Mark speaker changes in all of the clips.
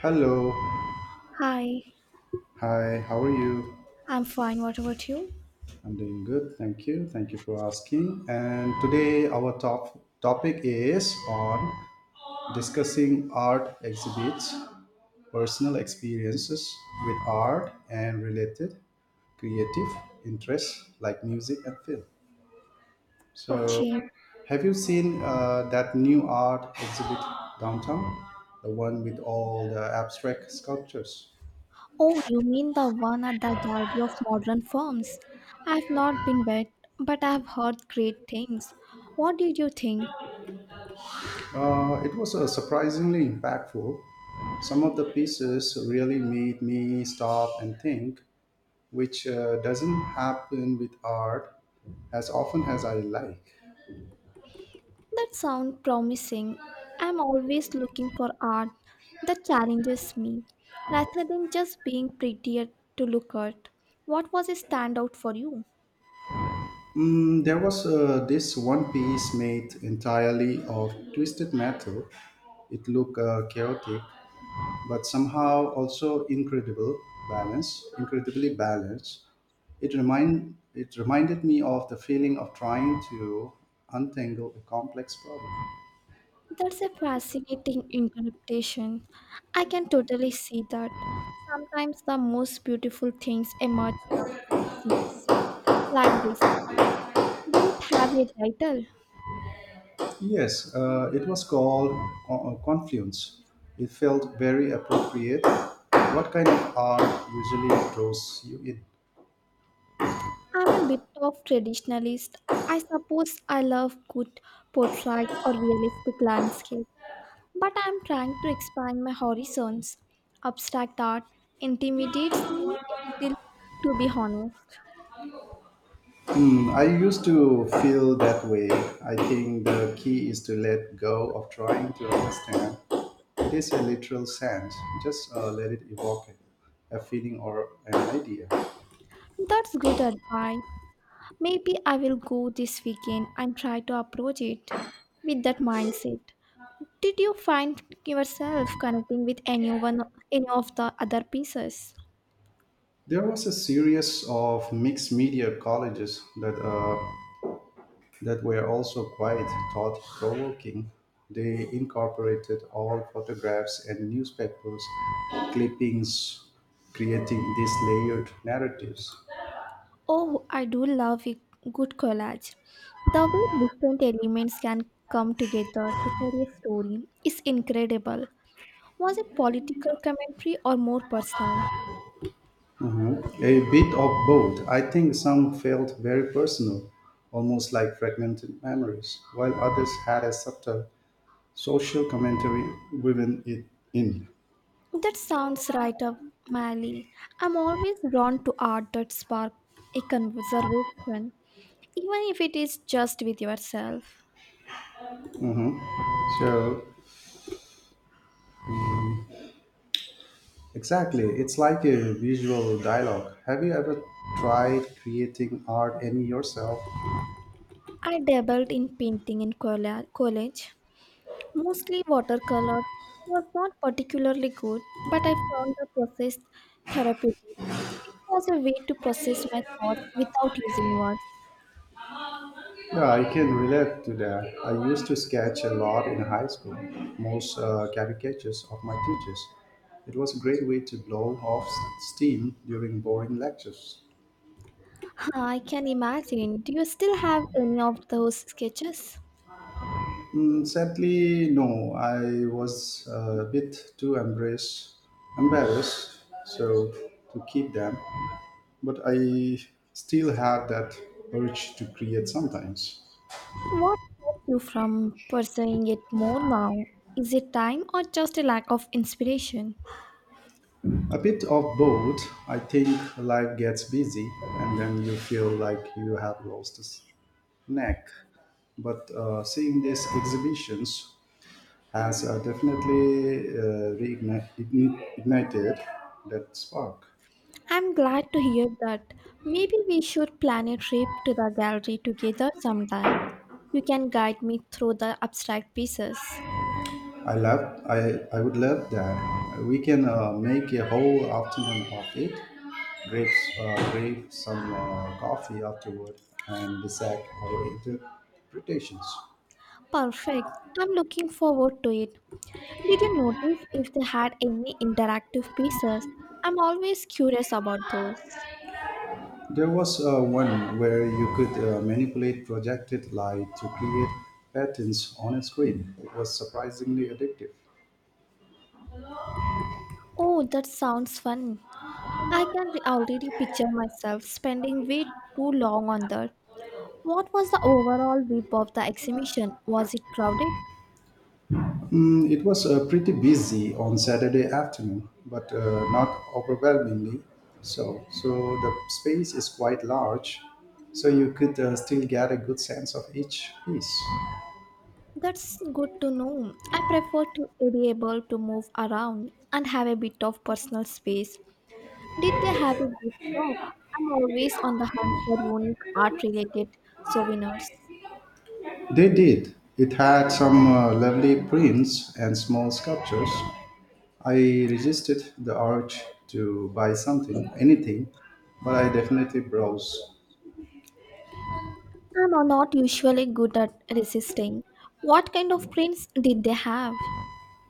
Speaker 1: Hello.
Speaker 2: Hi,
Speaker 1: Hi, how are you?
Speaker 2: I'm fine. What about you?
Speaker 1: I'm doing good. Thank you. Thank you for asking. And today our top topic is on discussing art exhibits, personal experiences with art and related creative interests like music and film. So,
Speaker 2: Okay.
Speaker 1: have you seen that new art exhibit downtown? The one with all the abstract sculptures?
Speaker 2: Oh, you mean the one at the Gallery of Modern Forms? I've not been there, but I've heard great things. What did you think?
Speaker 1: It was surprisingly impactful. Some of the pieces really made me stop and think, which doesn't happen with art as often as I like.
Speaker 2: That sounds promising. I'm always looking for art that challenges me, rather than just being prettier to look at. What was a standout for you?
Speaker 1: There was this one piece made entirely of twisted metal. It looked chaotic, but somehow also incredibly balanced. It reminded me of the feeling of trying to untangle a complex problem.
Speaker 2: That's a fascinating interpretation. I can totally see that. Sometimes the most beautiful things emerge from what seems like disorderly. Did it have a title?
Speaker 1: Yes, it was called Confluence. It felt very appropriate. What kind of art usually draws you in?
Speaker 2: I'm a bit of traditionalist. I suppose I love good portrait or realistic landscape, but I'm trying to expand my horizons. Abstract art intimidates me a little, to be honest.
Speaker 1: I used to feel that way. I think the key is to let go of trying to understand. It is a literal sense, just let it evoke a feeling or an idea.
Speaker 2: That's good advice. Maybe I will go this weekend and try to approach it with that mindset. Did you find yourself connecting with anyone, any of the other pieces?
Speaker 1: There was a series of mixed media colleges that were also quite thought provoking. They incorporated all photographs and newspapers, clippings, creating these layered narratives.
Speaker 2: Oh, I do love a good collage. The way different elements can come together to tell a story is incredible. Was it political commentary or more personal?
Speaker 1: Mhm. A bit of both. I think some felt very personal, almost like fragmented memories, while others had a subtle social commentary woven it in.
Speaker 2: That sounds right up my alley. I'm always drawn to art that spark a conversation, even if it is just with yourself.
Speaker 1: Hmm So, exactly, it's like a visual dialogue. Have you ever tried creating art any yourself?
Speaker 2: I dabbled in painting in college, mostly watercolor. It was not particularly good, but I found the process therapeutic. It was a way to process my thoughts without using words.
Speaker 1: Yeah, I can relate to that. I used to sketch a lot in high school, most caricatures of my teachers. It was a great way to blow off steam during boring lectures.
Speaker 2: I can imagine. Do you still have any of those sketches?
Speaker 1: Sadly, no. I was a bit too embarrassed, so to keep them. But I still have that urge to create sometimes.
Speaker 2: What keeps you from pursuing it more now? Is it time or just a lack of inspiration?
Speaker 1: A bit of both. I think life gets busy, and then you feel like you have lost a s- neck. But seeing these exhibitions has definitely reignited that spark.
Speaker 2: I'm glad to hear that. Maybe we should plan a trip to the gallery together sometime. You can guide me through the abstract pieces.
Speaker 1: I love. I I would love that. We can make a whole afternoon of it. Grab grab some coffee afterward and dissect our interpretations.
Speaker 2: Perfect. I'm looking forward to it. Did you notice if they had any interactive pieces? I'm always curious about those.
Speaker 1: There was one where you could manipulate projected light to create patterns on a screen. It was surprisingly addictive.
Speaker 2: Oh, that sounds fun. I can already picture myself spending way too long on that. What was the overall vibe of the exhibition? Was it crowded?
Speaker 1: It was pretty busy on Saturday afternoon, but not overwhelmingly so. So the space is quite large, so you could still get a good sense of each piece.
Speaker 2: That's good to know. I prefer to be able to move around and have a bit of personal space. Did they have a good shop? I'm always on the hunt for unique art related souvenirs.
Speaker 1: They did. It had some lovely prints and small sculptures. I resisted the urge to buy something, anything, but I definitely browse.
Speaker 2: I'm not usually good at resisting. What kind of prints did they have?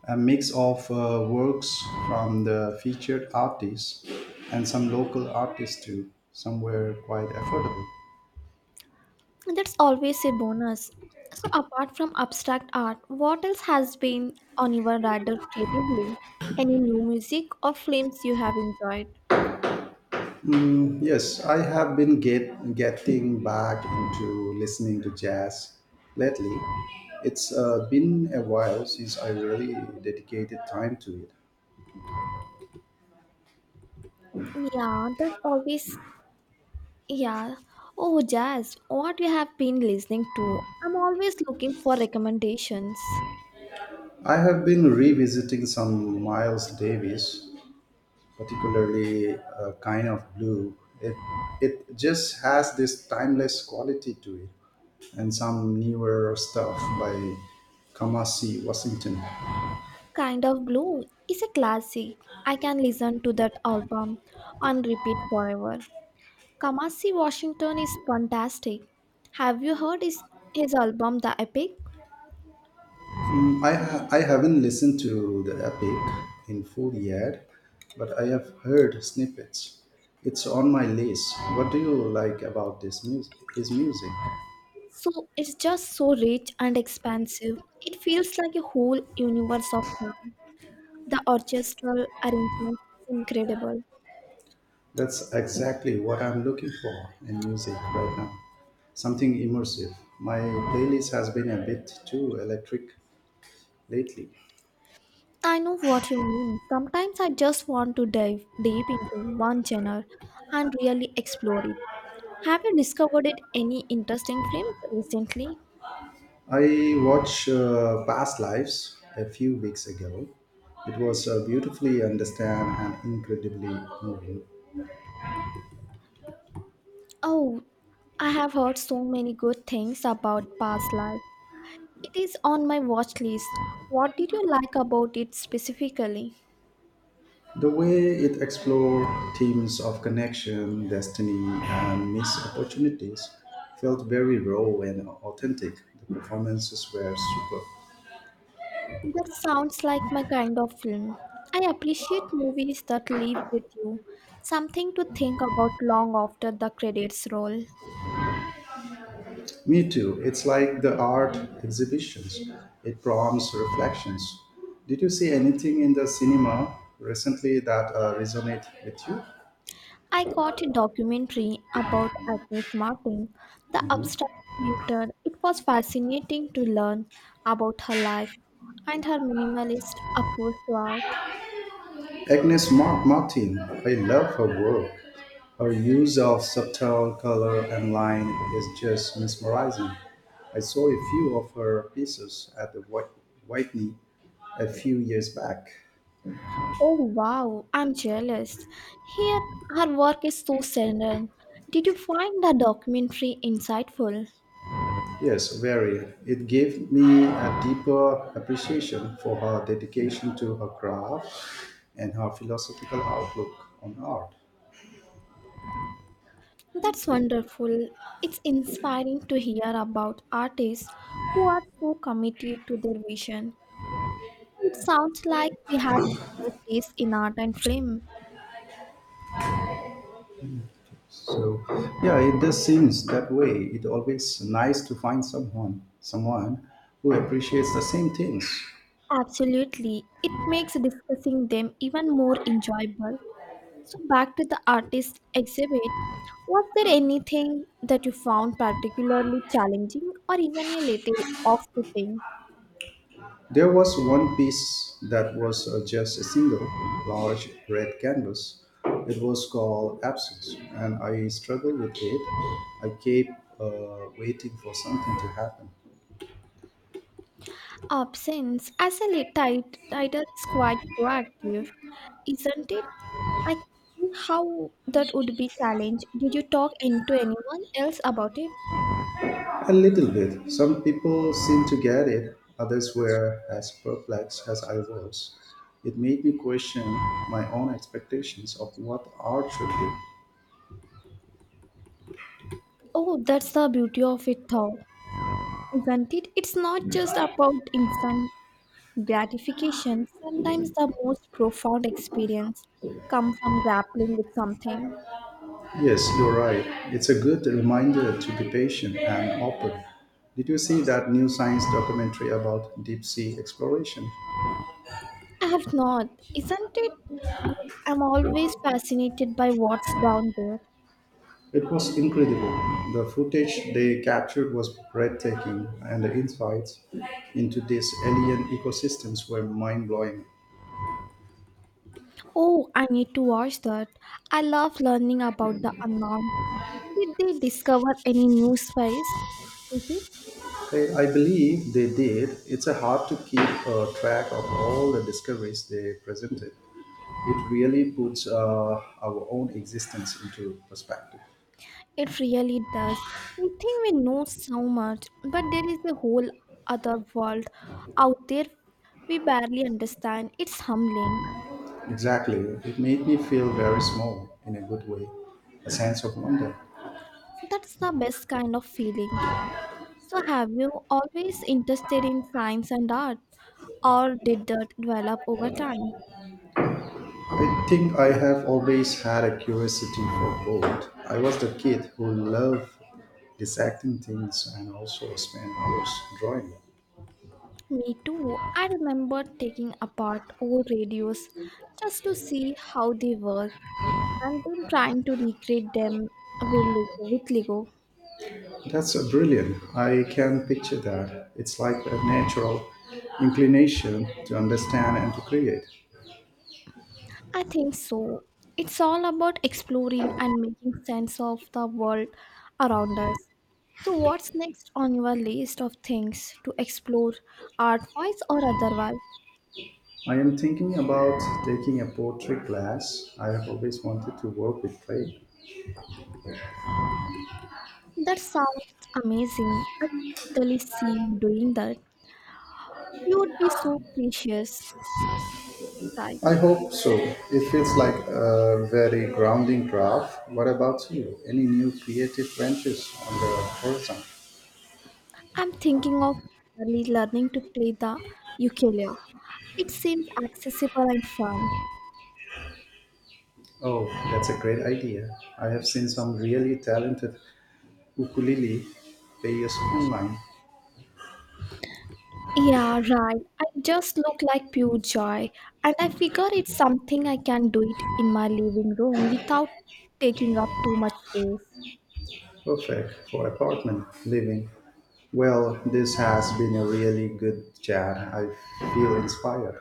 Speaker 1: A mix of works from the featured artists and some local artists too. Some were quite affordable.
Speaker 2: That's always a bonus. So, apart from abstract art, what else has been on your radar creatively? Any new music or films you have enjoyed?
Speaker 1: Yes, I have getting back into listening to jazz lately. It's been a while since I really dedicated time to it.
Speaker 2: Yeah, that always, yeah. Oh, jazz, what you have been listening to? I'm always looking for recommendations.
Speaker 1: I have been revisiting some Miles Davis, particularly A Kind of Blue. It it just has this timeless quality to it, and some newer stuff by Kamasi Washington.
Speaker 2: Kind of Blue is a classic. I can listen to that album on repeat forever. Kamasi Washington is fantastic. Have you heard his album, The Epic?
Speaker 1: I haven't listened to The Epic in full yet, but I have heard snippets. It's on my list. What do you like about this music? His music?
Speaker 2: So it's just so rich and expansive. It feels like a whole universe of sound. The orchestral arrangement incredible.
Speaker 1: That's exactly what I'm looking for in music right now. Something immersive. My playlist has been a bit too electric lately.
Speaker 2: I know what you mean. Sometimes I just want to dive deep into one genre and really explore it. Have you discovered it any interesting films recently?
Speaker 1: I watched Past Lives a few weeks ago. It was beautifully understand and incredibly moving.
Speaker 2: Oh, I have heard so many good things about Past Life. It is on my watch list. What did you like about it specifically?
Speaker 1: The way it explored themes of connection, destiny, and missed opportunities felt very raw and authentic. The performances were superb.
Speaker 2: That sounds like my kind of film. I appreciate movies that leave with you, something to think about long after the credits roll.
Speaker 1: Me too. It's like the art exhibitions. It prompts reflections. Did you see anything in the cinema recently that resonate with you?
Speaker 2: I caught a documentary about Agnes Martin, the abstract painter. It was fascinating to learn about her life and her minimalist approach to art.
Speaker 1: Martin, I love her work. Her use of subtle color and line is just mesmerizing. I saw a few of her pieces at the Whitney a few years back.
Speaker 2: Oh wow, I'm jealous. Here, her work is so serene. Did you find the documentary insightful?
Speaker 1: Yes, very. It gave me a deeper appreciation for her dedication to her craft and her philosophical outlook on art.
Speaker 2: That's wonderful. It's inspiring to hear about artists who are so committed to their vision. It sounds like we have similar tastes in art and film.
Speaker 1: So, yeah, it does seems that way. It always nice to find someone who appreciates the same things.
Speaker 2: Absolutely. It makes discussing them even more enjoyable. So, back to the artist exhibit. Was there anything that you found particularly challenging or even a little off putting?
Speaker 1: There was one piece that was just a single large red canvas. It was called Absence, and I struggled with it. I kept waiting for something to happen.
Speaker 2: Absence as a title is quite proactive, isn't it? I see how that would be challenged. Did you talk and to anyone else about it?
Speaker 1: A little bit. Some people seemed to get it, others were as perplexed as I was. It made me question my own expectations of what art should be.
Speaker 2: Oh, that's the beauty of it, though, isn't it? It's not just about instant gratification. Sometimes the most profound experience come from grappling with something.
Speaker 1: Yes, you're right. It's a good reminder to be patient and open. Did you see that new science documentary about deep sea exploration?
Speaker 2: I have not. Isn't it good? I'm always fascinated by what's down there.
Speaker 1: It was incredible. The footage they captured was breathtaking, and the insights into these alien ecosystems were mind blowing.
Speaker 2: Oh, I need to watch that. I love learning about the unknown. Did they discover any new space? Disease?
Speaker 1: I believe they did. It's a hard to keep track of all the discoveries they presented. It really puts our own existence into perspective.
Speaker 2: It really does. We think we know so much, but there is a whole other world out there we barely understand. It's humbling.
Speaker 1: Exactly. It made me feel very small in a good way, a sense of wonder.
Speaker 2: That's the best kind of feeling. So, have you always interested in science and art, or did that develop over time?
Speaker 1: I think I have always had a curiosity for both. I was the kid who loved dissecting things and also spent hours drawing.
Speaker 2: Me too. I remember taking apart old radios just to see how they work and then trying to recreate them with Lego.
Speaker 1: That's brilliant. I can picture that. It's like a natural inclination to understand and to create.
Speaker 2: I think so. It's all about exploring and making sense of the world around us. So, what's next on your list of things to explore, art wise or otherwise?
Speaker 1: I am thinking about taking a poetry class. I have always wanted to work with clay.
Speaker 2: That sounds amazing. I can totally see you doing that. You would be so precious.
Speaker 1: I
Speaker 2: Precise.
Speaker 1: hope so. It feels like a very grounding craft. What about you? Any new creative ventures on the horizon?
Speaker 2: I'm thinking of early learning to play the ukulele. It seems accessible and fun.
Speaker 1: Oh, that's a great idea. I have seen some really talented ukulele players online.
Speaker 2: Yeah, right. I just look like pure joy, and I figure it's something I can do it in my living room without taking up too much space.
Speaker 1: Perfect for apartment living. Well, this has been a really good chat. I feel inspired.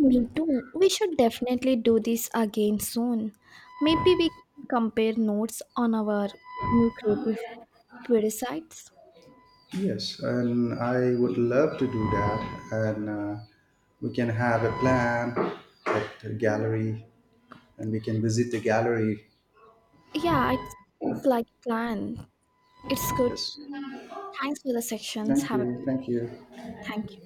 Speaker 2: Me too. We should definitely do this again soon. Maybe we can compare notes on our new creative websites.
Speaker 1: Yes, and I would love to do that. And we can have a plan at a gallery and we can visit the gallery.
Speaker 2: Yeah, it seems like a plan. It's good.
Speaker 1: Yes.
Speaker 2: Thanks for the sections.
Speaker 1: Thank
Speaker 2: Have a
Speaker 1: you. Thank you.
Speaker 2: Thank you.